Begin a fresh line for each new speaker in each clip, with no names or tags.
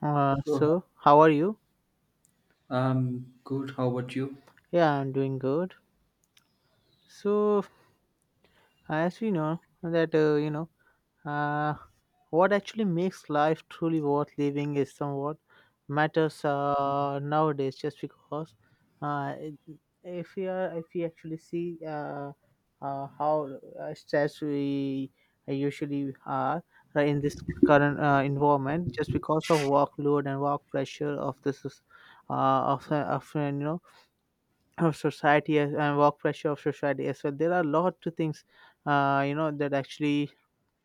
Oh,
How are you?
good. How about you?
Yeah, I'm doing good. So, as we know that uh, what actually makes life truly worth living is somewhat matters nowadays. Just because, uh, it- if we actually see how stressed we usually are in this current environment, just because of workload and work pressure of this, is, of you know of society and work pressure of society as well. There are a lot of things, that actually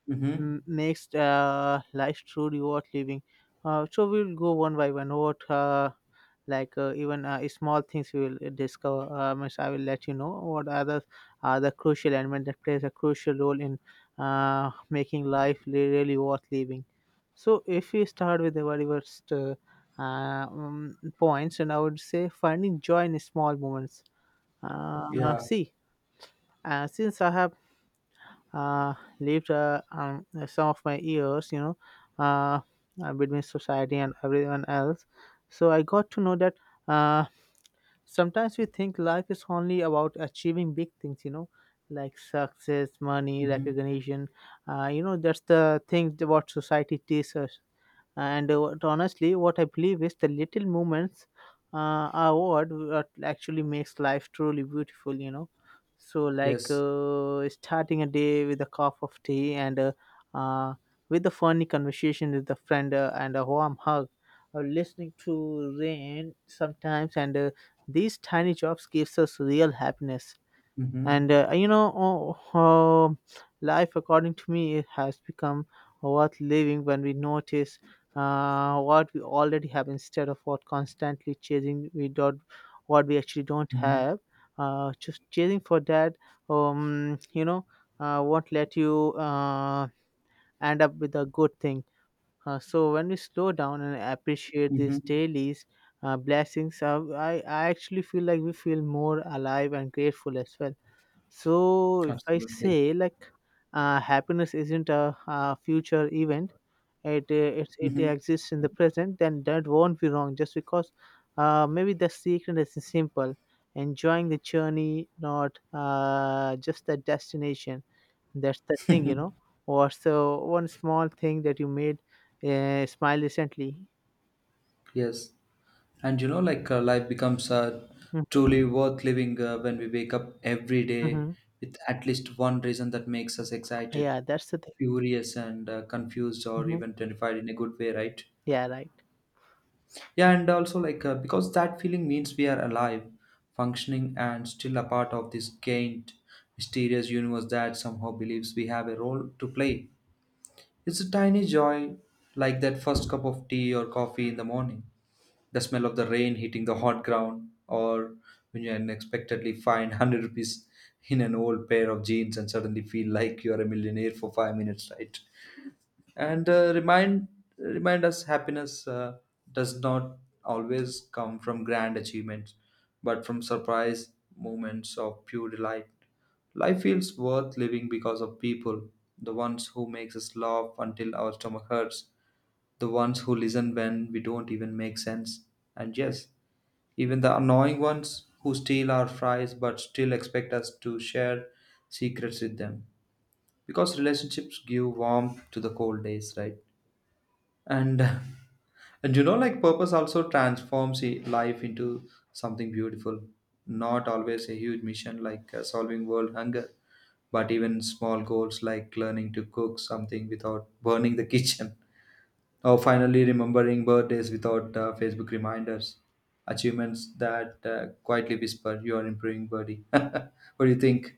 Mm-hmm.
makes life truly worth living. So we'll go one by one. What, like even Small things we will discover. Miss, I will let you know what other are the crucial element that plays a crucial role in making life really worth living. So if we start with the very first points, and I would say finding joy in small moments
Yeah.
see, since I have uh, lived some of my years, you know, uh, between society and everyone else, so I got to know that uh, sometimes we think life is only about achieving big things, you know, like success, money,
Mm-hmm.
recognition. That's the thing that what society teaches us. Honestly, what I believe is the little moments are what actually makes life truly beautiful, you know. So,
Yes.
starting a day with a cup of tea and uh, with a funny conversation with a friend and a warm hug, or listening to rain sometimes, and these tiny jobs gives us real happiness
Mm-hmm.
and life according to me it has become worth living when we notice what we already have instead of what constantly chasing we don't what we actually don't
Mm-hmm.
have, just chasing for that um, you know won't let you end up with a good thing. So when we slow down and appreciate these
Mm-hmm.
dailies blessings, I actually feel like we feel more alive and grateful as well. So if I
Absolutely.
say like happiness isn't a future event, it
Mm-hmm.
exists in the present, then that won't be wrong. Just because maybe the secret is simple, enjoying the journey, not just the destination. That's the thing, you know. Or so one small thing that you made smile recently.
Yes. And like life becomes
Mm-hmm.
truly worth living when we wake up every day
Mm-hmm.
with at least one reason that makes us excited,
Yeah, that's the thing.
curious, and confused, or
Hmm.
even terrified in a good way, right?
Yeah, right.
Yeah, and also like because that feeling means we are alive, functioning, and still a part of this gained, mysterious universe that somehow believes we have a role to play. It's a tiny joy, like that first cup of tea or coffee in the morning, the smell of the rain hitting the hot ground, or when you unexpectedly find 100 rupees in an old pair of jeans and suddenly feel like you are a millionaire for 5 minutes, right? And remind us happiness does not always come from grand achievements, but from surprise moments of pure delight. Life feels worth living because of people, the ones who makes us laugh until our stomach hurts, the ones who listen when we don't even make sense, and yes, even the annoying ones who steal our fries but still expect us to share secrets with them, because relationships give warmth to the cold days, right? And and purpose also transforms life into something beautiful. Not always a huge mission like solving world hunger, but even small goals like learning to cook something without burning the kitchen, or finally remembering birthdays without Facebook reminders. Achievements that quietly whisper you are improving, buddy. What do you think?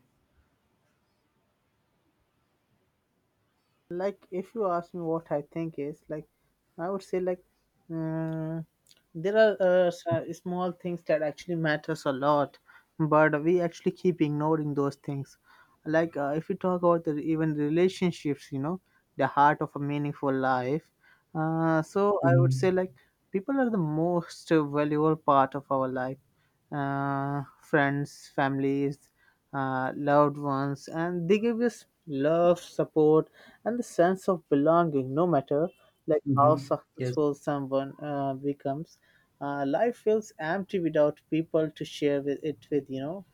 Like if you ask me what I think is like, I would say like, mm, there are small things that actually matters a lot, but we actually keep ignoring those things. If we talk about the, even relationships, you know, the heart of a meaningful life. So I would
Hmm.
say like people are the most valuable part of our life, friends, families, loved ones, and they give us love, support, and the sense of belonging. No matter like how
Hmm. Yes.
successful someone becomes, life feels empty without people to share with it with. You know,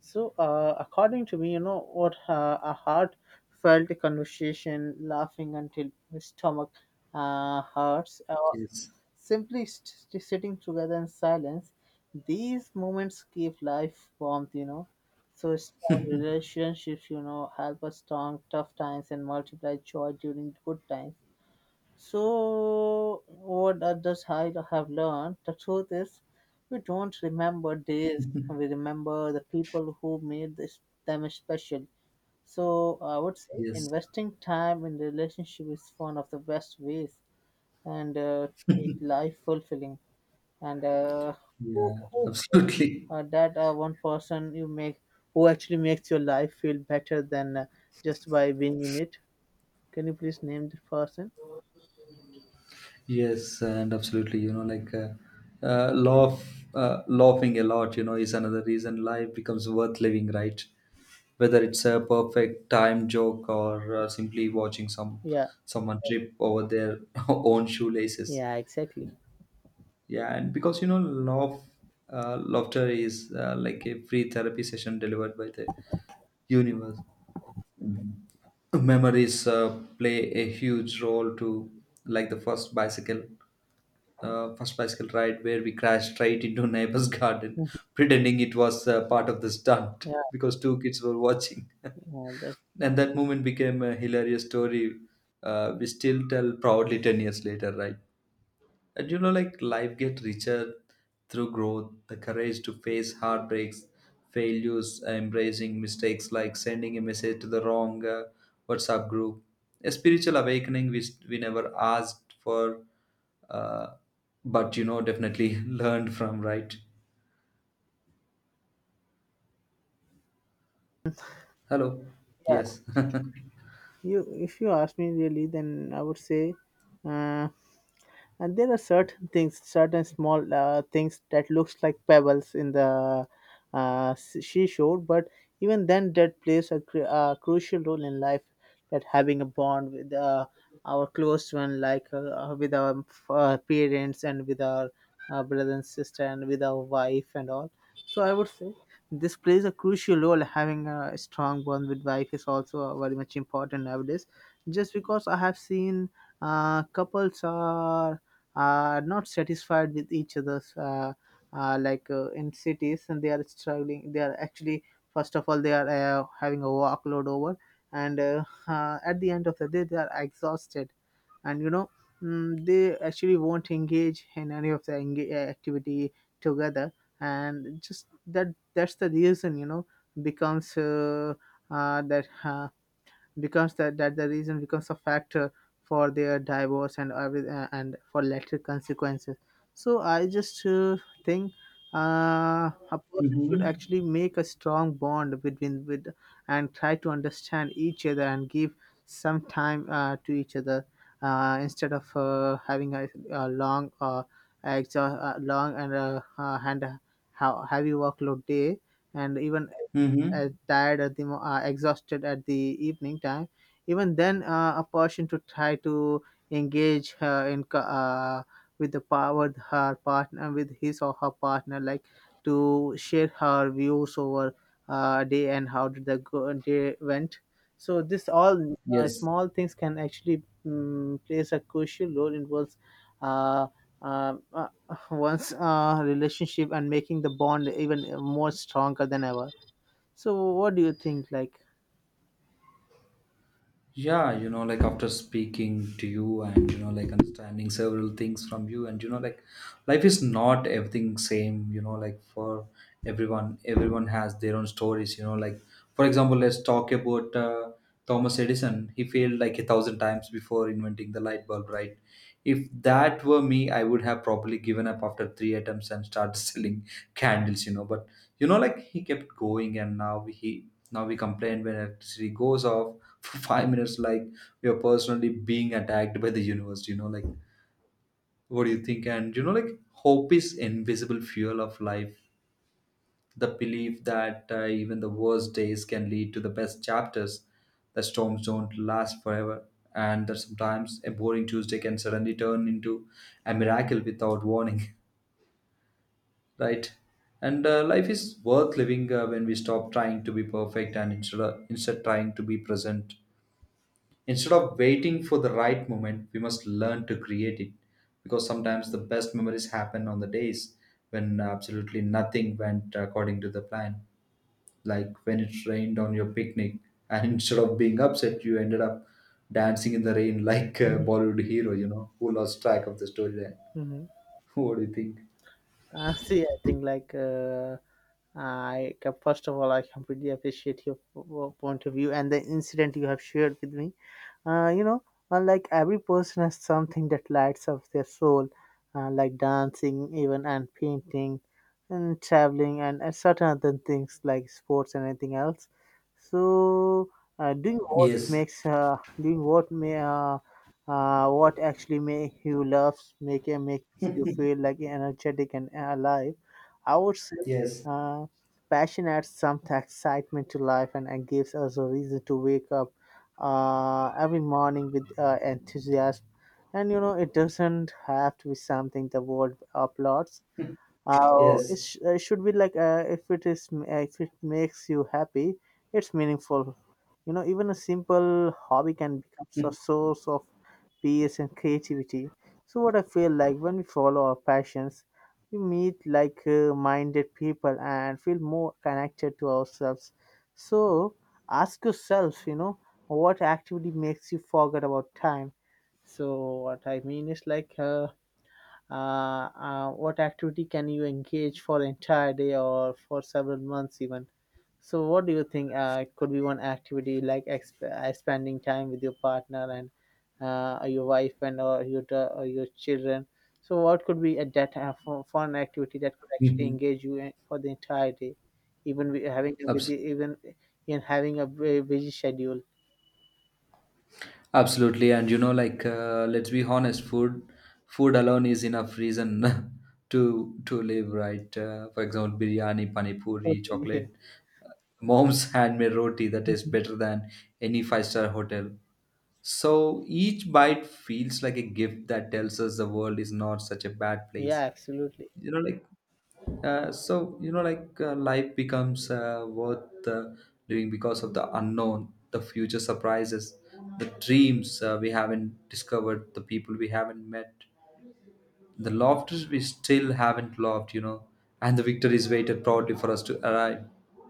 so according to me, you know what, a heartfelt conversation, laughing until the stomach hurts.
Yes.
Simply st- sitting together in silence, these moments give life warmth, you know. So strong relationships, you know, help us strong tough times and multiply joy during good times. So what others I have learned, the truth is we don't remember days, we remember the people who made this them special. So I would say
Yes.
investing time in relationship is one of the best ways and to make life fulfilling and uh,
Yeah.
who
Absolutely.
that one person you make who actually makes your life feel better than just by being in it. Can you please name the person?
Yes, and absolutely. Like uh, laugh, laughing a lot. Is another reason life becomes worth living, right? Whether it's a perfect time joke or simply watching some
Yeah.
someone trip over their own shoelaces.
Yeah, exactly.
Yeah, and because laughter is like a free therapy session delivered by the universe. Memories play a huge role to, like the first bicycle ride where we crashed straight into neighbor's garden,
Mhm.
pretending it was part of the stunt
Yeah.
because two kids were watching.
That's
And that moment became a hilarious story we still tell proudly 10 years later, right? And like life gets richer through growth, the courage to face heartbreaks, failures, embracing mistakes like sending a message to the wrong WhatsApp group, a spiritual awakening which we never asked for, uh, but definitely learned from, right? Hello.
Yeah.
Yes.
You, if you ask me really, then I would say, uh, and there are certain things, certain small things that looks like pebbles in the seashore, but even then, that plays a, a crucial role in life. That having a bond with our close one, like with our parents and with our brother and sister and with our wife and all. So I would say this plays a crucial role. Having a strong bond with wife is also very much important nowadays, just because I have seen couples are not satisfied with each other's in cities, and they are struggling. They are actually, first of all, they are having a workload over, and at the end of the day they are exhausted. And you know, mm, they actually won't engage in any of the activity together. And just that's the reason, you know, becomes that becomes that the reason becomes a factor for their divorce and and for later consequences. So I just think a person should
Mm-hmm.
actually make a strong bond between with, and try to understand each other and give some time to each other, instead of having a long long and a heavy workload day. And even
Mm-hmm.
tired at the exhausted at the evening time, even then a person to try to engage her in with the power with her partner, with his or her partner, like to share her views over day and how did the day went. So this all
Yes.
small things can actually plays a crucial role in one's uh, um, uh, one's relationship and making the bond even more stronger than ever. So what do you think? Like,
Yeah, like after speaking to you, and like understanding several things from you, and like life is not everything same, like for everyone. Everyone has their own stories, like for example, let's talk about Thomas Edison. He failed like a thousand times before inventing the light bulb, right? If that were me, I would have probably given up after three attempts and started selling candles. But like he kept going, and now he now we complain when electricity goes off for 5 minutes, like we are personally being attacked by the universe. Like, what do you think? And like hope is invisible fuel of life, the belief that even the worst days can lead to the best chapters, the storms don't last forever, and that sometimes a boring Tuesday can suddenly turn into a miracle without warning, right? And life is worth living when we stop trying to be perfect and instead trying to be present. Instead of waiting for the right moment, we must learn to create it, because sometimes the best memories happen on the days when absolutely nothing went according to the plan, like when it rained on your picnic and instead of being upset you ended up dancing in the rain like a Bollywood hero, who lost track of the storyline.
Mhm.
What do you think?
See, I think like, first of all I completely appreciate your point of view and the incident you have shared with me. You know, unlike every person has something that lights up their soul, like dancing, even and painting, and traveling, and certain other things like sports and anything else. So
Yes.
doing what may what actually makes you feel like energetic and alive, I would say.
Yes.
Uh, Passion adds some excitement to life, and gives us a reason to wake up every morning with enthusiasm. And you know, it doesn't have to be something the world applauds.
Yes.
It should be like, if it is, if it makes you happy, it's meaningful. You know, even a simple hobby can become a source of peace and creativity. So, what I feel like, when we follow our passions, we meet minded people and feel more connected to ourselves. So, ask yourself, you know, what activity makes you forget about time? So what I mean is like, what activity can you engage for entire day or for several months even? So, what do you think could be one activity like spending time with your partner and your wife and, or your or your children? So, what could be a that fun activity that could actually
Mhm.
engage you in, for the entire day, even having a, with
Abs-
the, even in having a busy schedule?
absolutely and like let's be honest, food alone is enough reason to live, right? For example, biryani, pani puri,
Okay.
chocolate, uh, mom's handmade roti, that is better than any five-star hotel. So each bite feels like a gift that tells us the world is not such a bad place.
Yeah, absolutely.
You know, like so life becomes worth living because of the unknown, the future surprises, the dreams we haven't discovered, the people we haven't met, the lofters we still haven't loved and the victories waited proudly for us to arrive,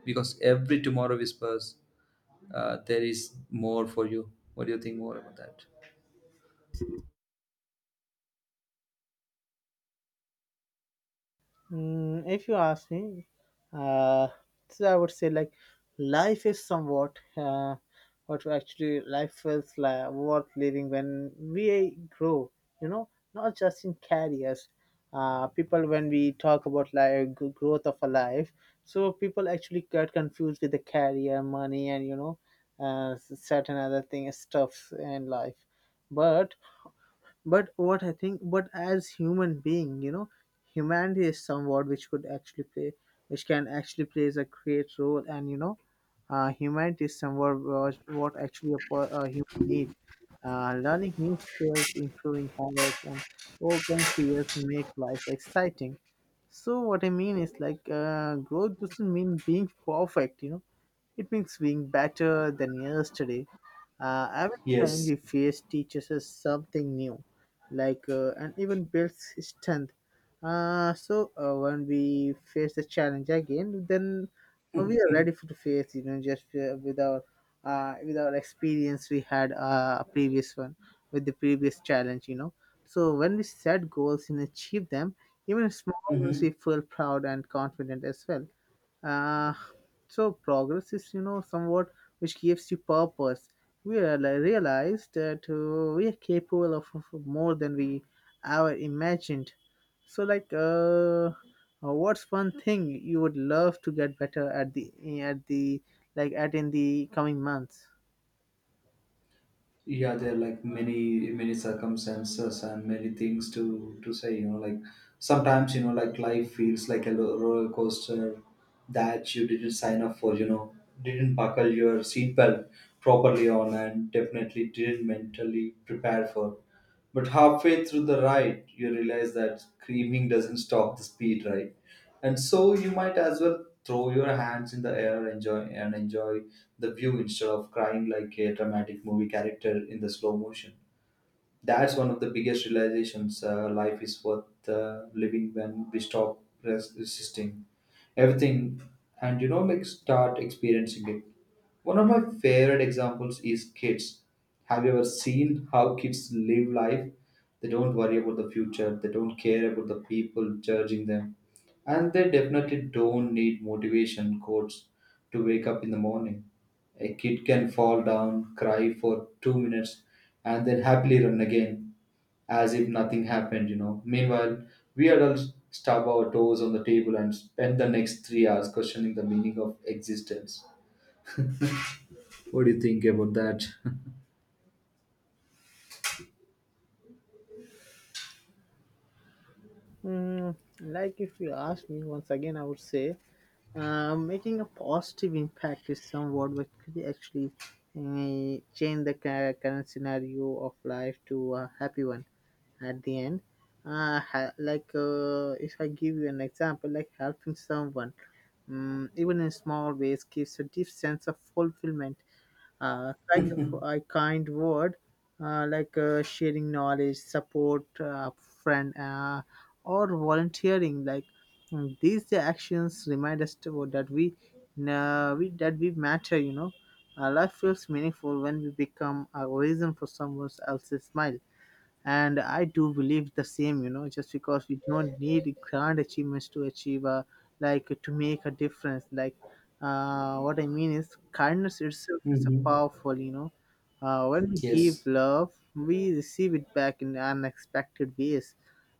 because every tomorrow whispers, there is more for you. What do you think more about that?
Mm, if you ask me, uh, so I would say like life is somewhat what actually life feels like worth living when we grow. You know, not just in careers. People when we talk about like growth of a life, so people actually get confused with the career, money, and you know, certain other things, stuffs in life. But what I think, but as human being, you know, humanity is somewhat which can actually plays a great role. And you know, humanity is somewhat what actually a human need. Uh, learning new skills, improving habits, and overcoming fears make life exciting. So what I mean is like, growth doesn't mean being perfect, you know, it means being better than yesterday. Every challenge
Yes.
we face teaches us something new, and even builds strength. When we face the challenge again, then we are ready for to face. You know, just with our experience we had a previous one with the previous challenge. You know, so when we set goals and achieve them, even small ones,
Mm-hmm.
we feel proud and confident as well. Uh, so progress is, you know, somewhat which gives you purpose. Realize that we are capable of more than we ever imagined. So, what's one thing you would love to get better at the like at in the coming months?
Yeah, there are like many circumstances and many things to say. Like sometimes like life feels like a roller coaster that you didn't sign up for. Didn't buckle your seatbelt properly on, and definitely didn't mentally prepare for. But halfway through the ride, you realize that screaming doesn't stop the speed, right? And so you might as well throw your hands in the air, enjoy and enjoy the view instead of crying like a dramatic movie character in the slow motion. That's one of the biggest realizations. Life is worth living when we stop resisting everything, and like start experiencing it. One of my favorite examples is kids. Have you ever seen how kids live life? They don't worry about the future, they don't care about the people judging them, and they definitely don't need motivation quotes to wake up in the morning. A kid can fall down, cry for 2 minutes, and then happily run again as if nothing happened, you know. Meanwhile, we adults stub our toes on the table and spend the next 3 hours questioning the meaning of existence. What do you think about that?
If you ask me once again, I would say making a positive impact is somewhat what could actually change the current scenario of life to a happy one at the end. If I give you an example, like helping someone, even in small ways, gives a deep sense of fulfillment, kind of a kind word, sharing knowledge, support, friend, or volunteering. Like these actions remind us to, that we, that we matter. You know, life feels meaningful when we become a reason for someone else's smile, and I do believe the same. You know, just because we don't need grand achievements to achieve a, like to make a difference, like what I mean is kindness itself is a
Hmm.
powerful, you know. When we give
Yes,
love we receive it back in unexpected ways.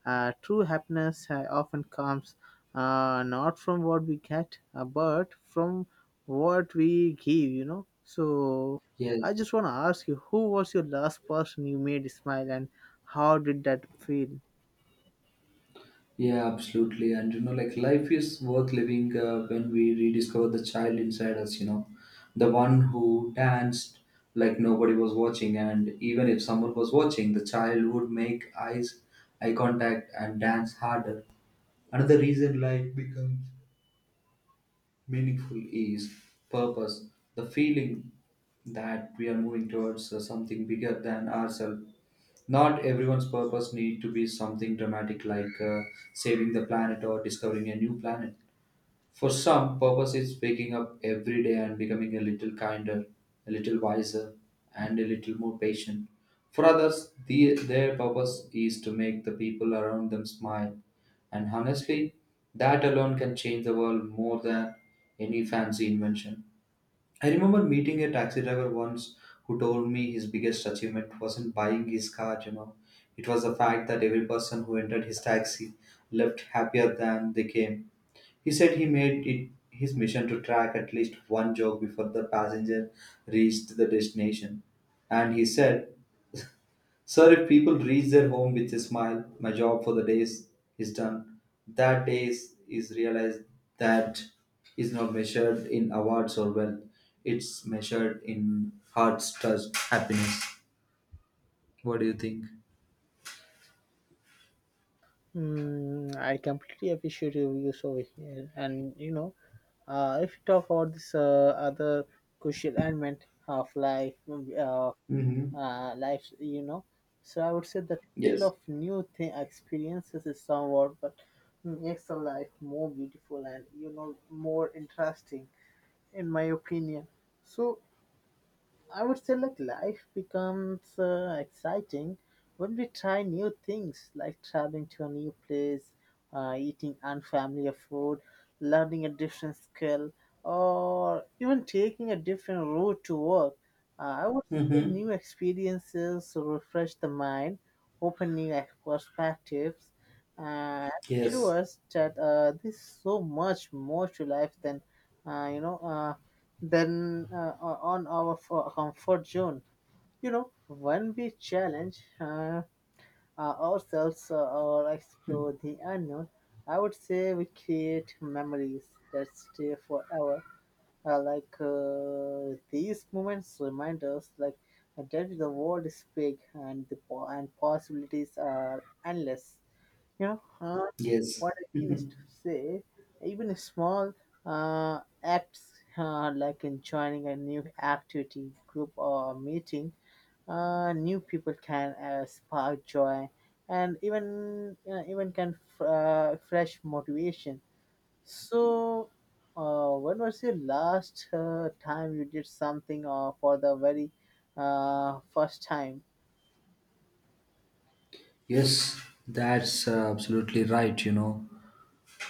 True happiness often comes, not from what we get, but from what we give, you know. So
yes.
I just want to ask you, who was your last person you made smile, and how did that feel?
Yeah, absolutely. And like life is worth living when we rediscover the child inside us, the one who danced like nobody was watching. And even if someone was watching, the child would make eye contact, and dance harder. Another reason life becomes meaningful is purpose, the feeling that we are moving towards something bigger than ourselves. Not everyone's purpose need to be something dramatic like saving the planet or discovering a new planet. For some, purpose is waking up every day and becoming a little kinder, a little wiser, and a little more patient. For others, their purpose is to make the people around them smile. And honestly, that alone can change the world more than any fancy invention. I remember meeting a taxi driver once who told me his biggest achievement wasn't buying his car. It was the fact that every person who entered his taxi left happier than they came. He said he made it his mission to track at least one joke before the passenger reached the destination. And he said, Sir, if people reach their home with a smile, my job for the days is done. That days is, realized that is not measured in awards or wealth. It's measured in heart's trust, happiness. What do you think?
Mm, I completely appreciate your views over here. And you know, if you talk about this other crucial element of life,
Mm-hmm.
life, you know, so I would say the thrill
Yes.
of new thing experiences is somewhat but makes the life more beautiful, and you know, more interesting, in my opinion. So I would say, like, life becomes exciting when we try new things, like traveling to a new place, eating unfamiliar food, learning a different skill, or even taking a different route to work. I would say
Mm-hmm.
new experiences refresh the mind, open new perspectives, and show
Yes.
us that there's so much more to life than you know then on our fo- comfort zone. You know, when we challenge ourselves or explore the unknown, I would say we create memories that stay forever. These moments remind us, like, that the world is big, and the po- and possibilities are endless, you know.
Yes.
What I mean is
Mhm.
to say even a small acts, like in joining a new activity group or meeting new people can spark joy and even fresh motivation. So when was your last time you did something for the very first time?
Yes, that's absolutely right, you know.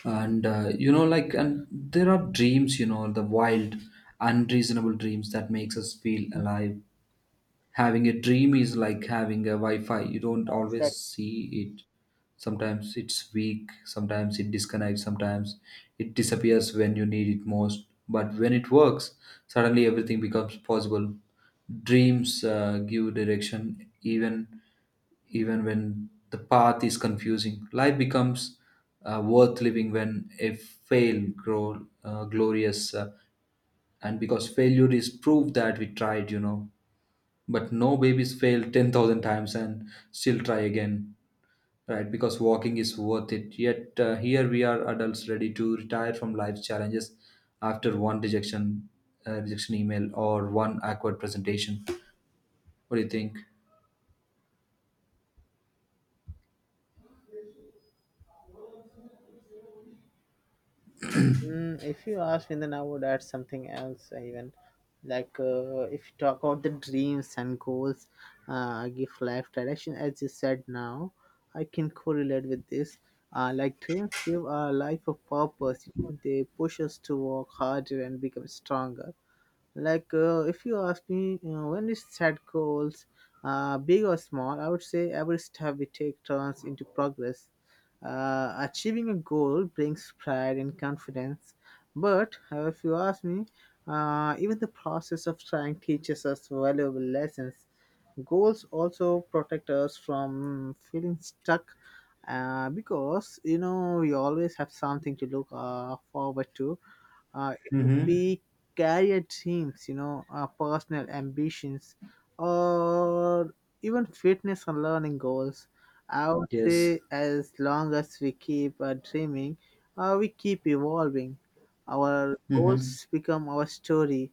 And, like, and there are dreams, you know, the wild, unreasonable dreams that makes us feel alive. Having a dream is like having a Wi-Fi. You don't always
Exactly.
see it. Sometimes it's weak, sometimes it disconnects, sometimes it disappears when you need it most. But when it works, suddenly everything becomes possible. Dreams give direction, even when the path is confusing. Life becomes worth living when a fail grow glorious, and because failure is proof that we tried. But no babies fail 10,000 times and still try again, right? Because walking is worth it. Yet here we are adults ready to retire from life's challenges after one rejection email or one awkward presentation. What do you think?
Mm, if you ask me, then I would add something else, even like if you talk about the dreams and goals, give life direction, as you said now, I can correlate with this. Like dreams give our life a purpose, you know, they push us to work harder and become stronger. Like if you ask me, you know, when we set goals, big or small, I would say every step we take turns into progress. Achieving a goal brings pride and confidence, but if you ask me, even the process of trying teaches us valuable lessons. Goals also protect us from feeling stuck, because you know we always have something to look forward to. It would
Mm-hmm.
be career dreams, you know, personal ambitions, or even fitness and learning goals. I would
Yes.
say as long as we keep dreaming, we keep evolving. Our
Mm-hmm.
goals become our story,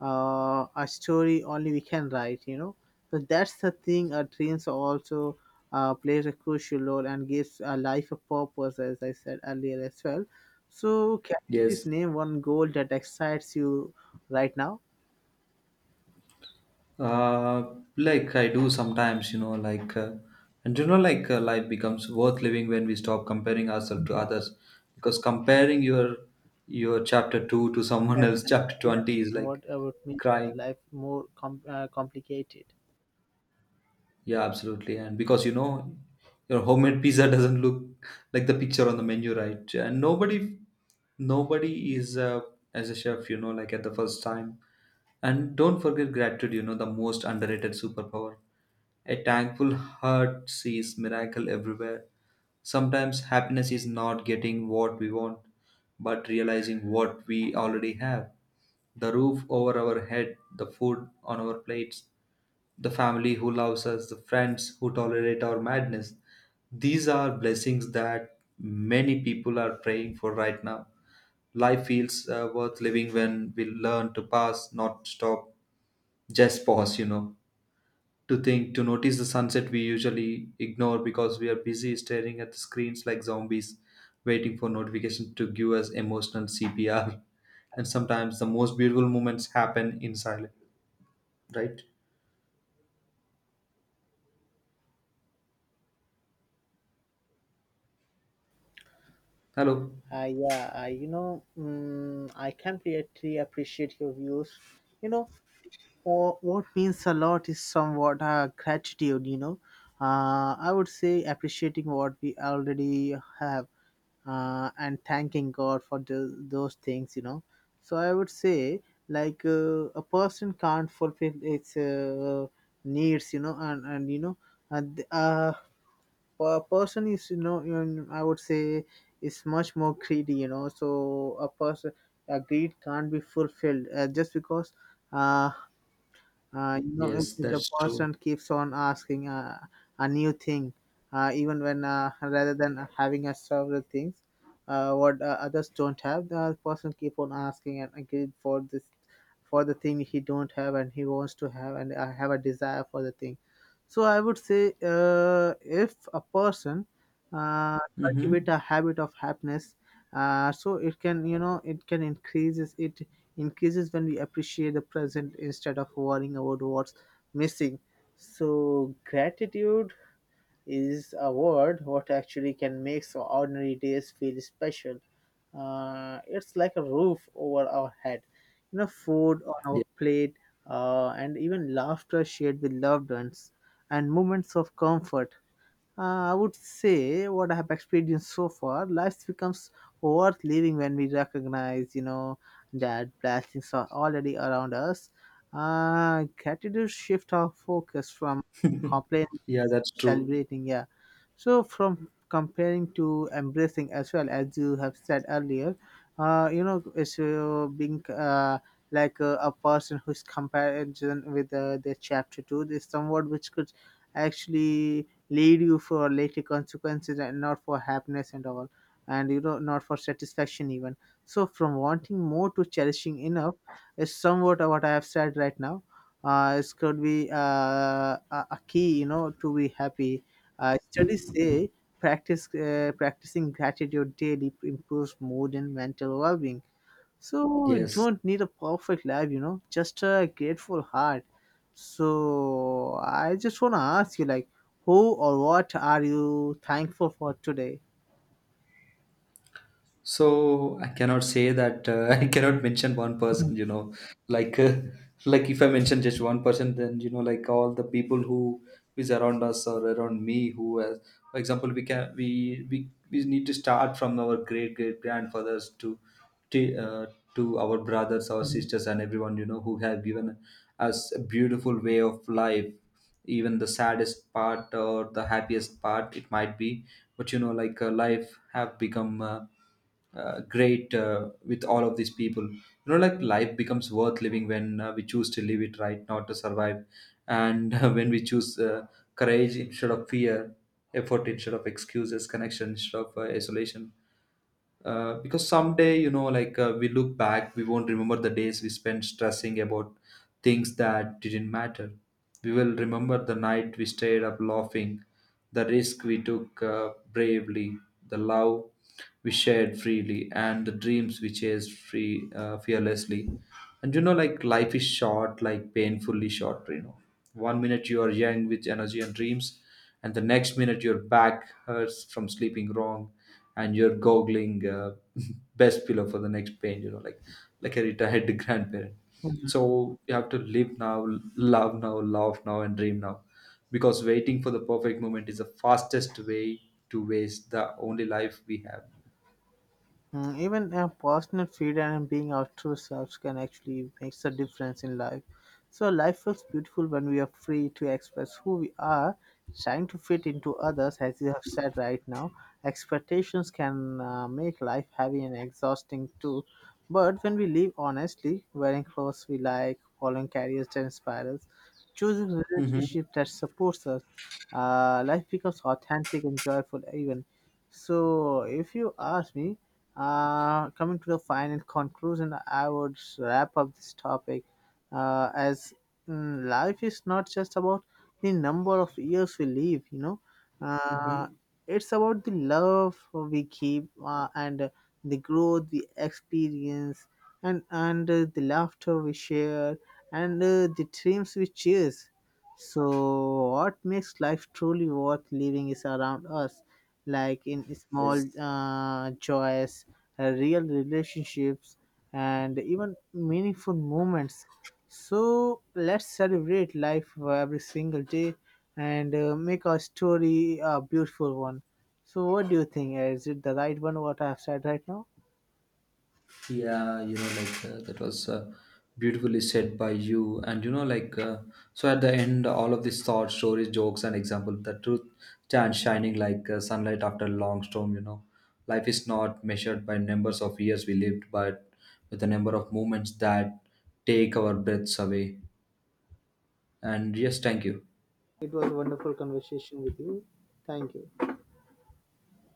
a story only we can write, you know. So that's the thing. Our dreams also plays a crucial role and gives a life a purpose, as I said earlier as well. So please
Yes.
name one goal that excites you right now.
Like I do sometimes, like, and like life becomes worth living when we stop comparing ourselves to
Mhm.
others, because comparing your chapter two to someone
Yeah,
else chapter
compare
20 is like
somewhat about me
crying.
life more complicated.
Yeah, absolutely. And because your homemade pizza doesn't look like the picture on the menu, right? And nobody is as a chef, like at the first time. And don't forget gratitude, the most underrated superpower. A thankful heart sees miracle everywhere. Sometimes happiness is not getting what we want, but realizing what we already have. The roof over our head, the food on our plates, the family who loves us, the friends who tolerate our madness. These are blessings that many people are praying for right now. Life feels worth living when we learn to pass, not stop, just pause, to think, to notice the sunset we usually ignore because we are busy staring at the screens like zombies waiting for notifications to give us emotional CPR. And sometimes the most beautiful moments happen in silence, right? Hello.
Yeah, I I completely appreciate your views. You know, what means a lot is somewhat gratitude. You know, I would say appreciating what we already have, and thanking God for the, those things, you know. So I would say, like, a person can't fulfill its needs, you know, and you know, and, a person is, you know, I would say, is much more greedy, you know. So a person, a greed can't be fulfilled just because. Uh, you know,
Yes,
if the
that's true.
person keeps on asking a new thing even when, rather than having a several things, what others don't have, the person keep on asking and again for this, for the thing he don't have, and he wants to have, and have a desire for the thing. So I would say, if a person uh, cultivate
Mm-hmm.
a habit of happiness, so it can, you know, it can increases it. Increases when we appreciate the present instead of worrying about what's missing. So, gratitude is a word what actually can make so ordinary days feel special. It's like a roof over our head, you know, food on
Yeah,
our plate, and even laughter shared with loved ones, and moments of comfort. I would say what I have experienced so far, life becomes worth living when we recognize, you know, that blessings are already around us. Gratitude shift our focus from complaining,
yeah, that's true.
celebrating, yeah. So from comparing to embracing, as well as you have said earlier, you know, it's being like a person whose comparison with their chapter two is somewhat which could actually lead you for later consequences, and not for happiness and all, and you know, not for satisfaction even. So from wanting more to cherishing enough is somewhat what I have said right now. It could be a key, you know, to be happy. Studies say practice practicing gratitude daily improves mood and mental well-being. So we
Yes.
don't need a perfect life, you know, just a grateful heart. So I just want to ask you, like, who or what are you thankful for today?
So I cannot say that I cannot mention one person, like uh, like if I mention just one person, then like all the people who is around us or around me, who, has, for example, we can we need to start from our great great grandfathers to, uh, to our brothers, our sisters, and everyone who have given us a beautiful way of life. Even the saddest part or the happiest part, it might be, but like life have become. Great with all of these people, like life becomes worth living when we choose to live it right, not to survive, and when we choose courage instead of fear, effort instead of excuses, connection instead of isolation, because someday like we look back, we won't remember the days we spent stressing about things that didn't matter. We will remember the night we stayed up laughing, the risk we took bravely, the love we shared freely, and the dreams we chased free fearlessly. And like life is short, like painfully short. One minute you are young with energy and dreams, and the next minute your back hurts from sleeping wrong, and you're googling best pillow for the next pain, like a retired grandparent.
Mhm.
So you have to live now, love now, laugh now, and dream now, because waiting for the perfect moment is the fastest way to waste the only life we have.
Mm, even a personal freedom and being our true selves can actually makes a difference in life. So life feels beautiful when we are free to express who we are, trying to fit into others, as you have said right now. Expectations can make life heavy and exhausting too. But when we live honestly, wearing clothes we like, following careers that inspire us, choosing
Mm-hmm.
relationships that supports us, life becomes authentic and joyful even. So if you ask me, coming to the final conclusion, I would wrap up this topic uh, as life is not just about the number of years we live, you know, uh,
Mm-hmm.
it's about the love we keep, and, the growth we experience, and, and the laughter we share, and the dreams we chase. So, what makes life truly worth living is around us, like in small
Yes.
joys, real relationships, and even meaningful moments. So let's celebrate life every single day, and make our story a beautiful one. So, what do you think? Is it the right one, what I have said right now?
Yeah, like that was beautifully said by you. And like, so at the end, all of these thoughts, stories, jokes, and example, the truth stands shining like sunlight after a long storm. Life is not measured by numbers of years we lived, but with the number of moments that take our breaths away. And yes, thank you.
It was a wonderful conversation with you. Thank you.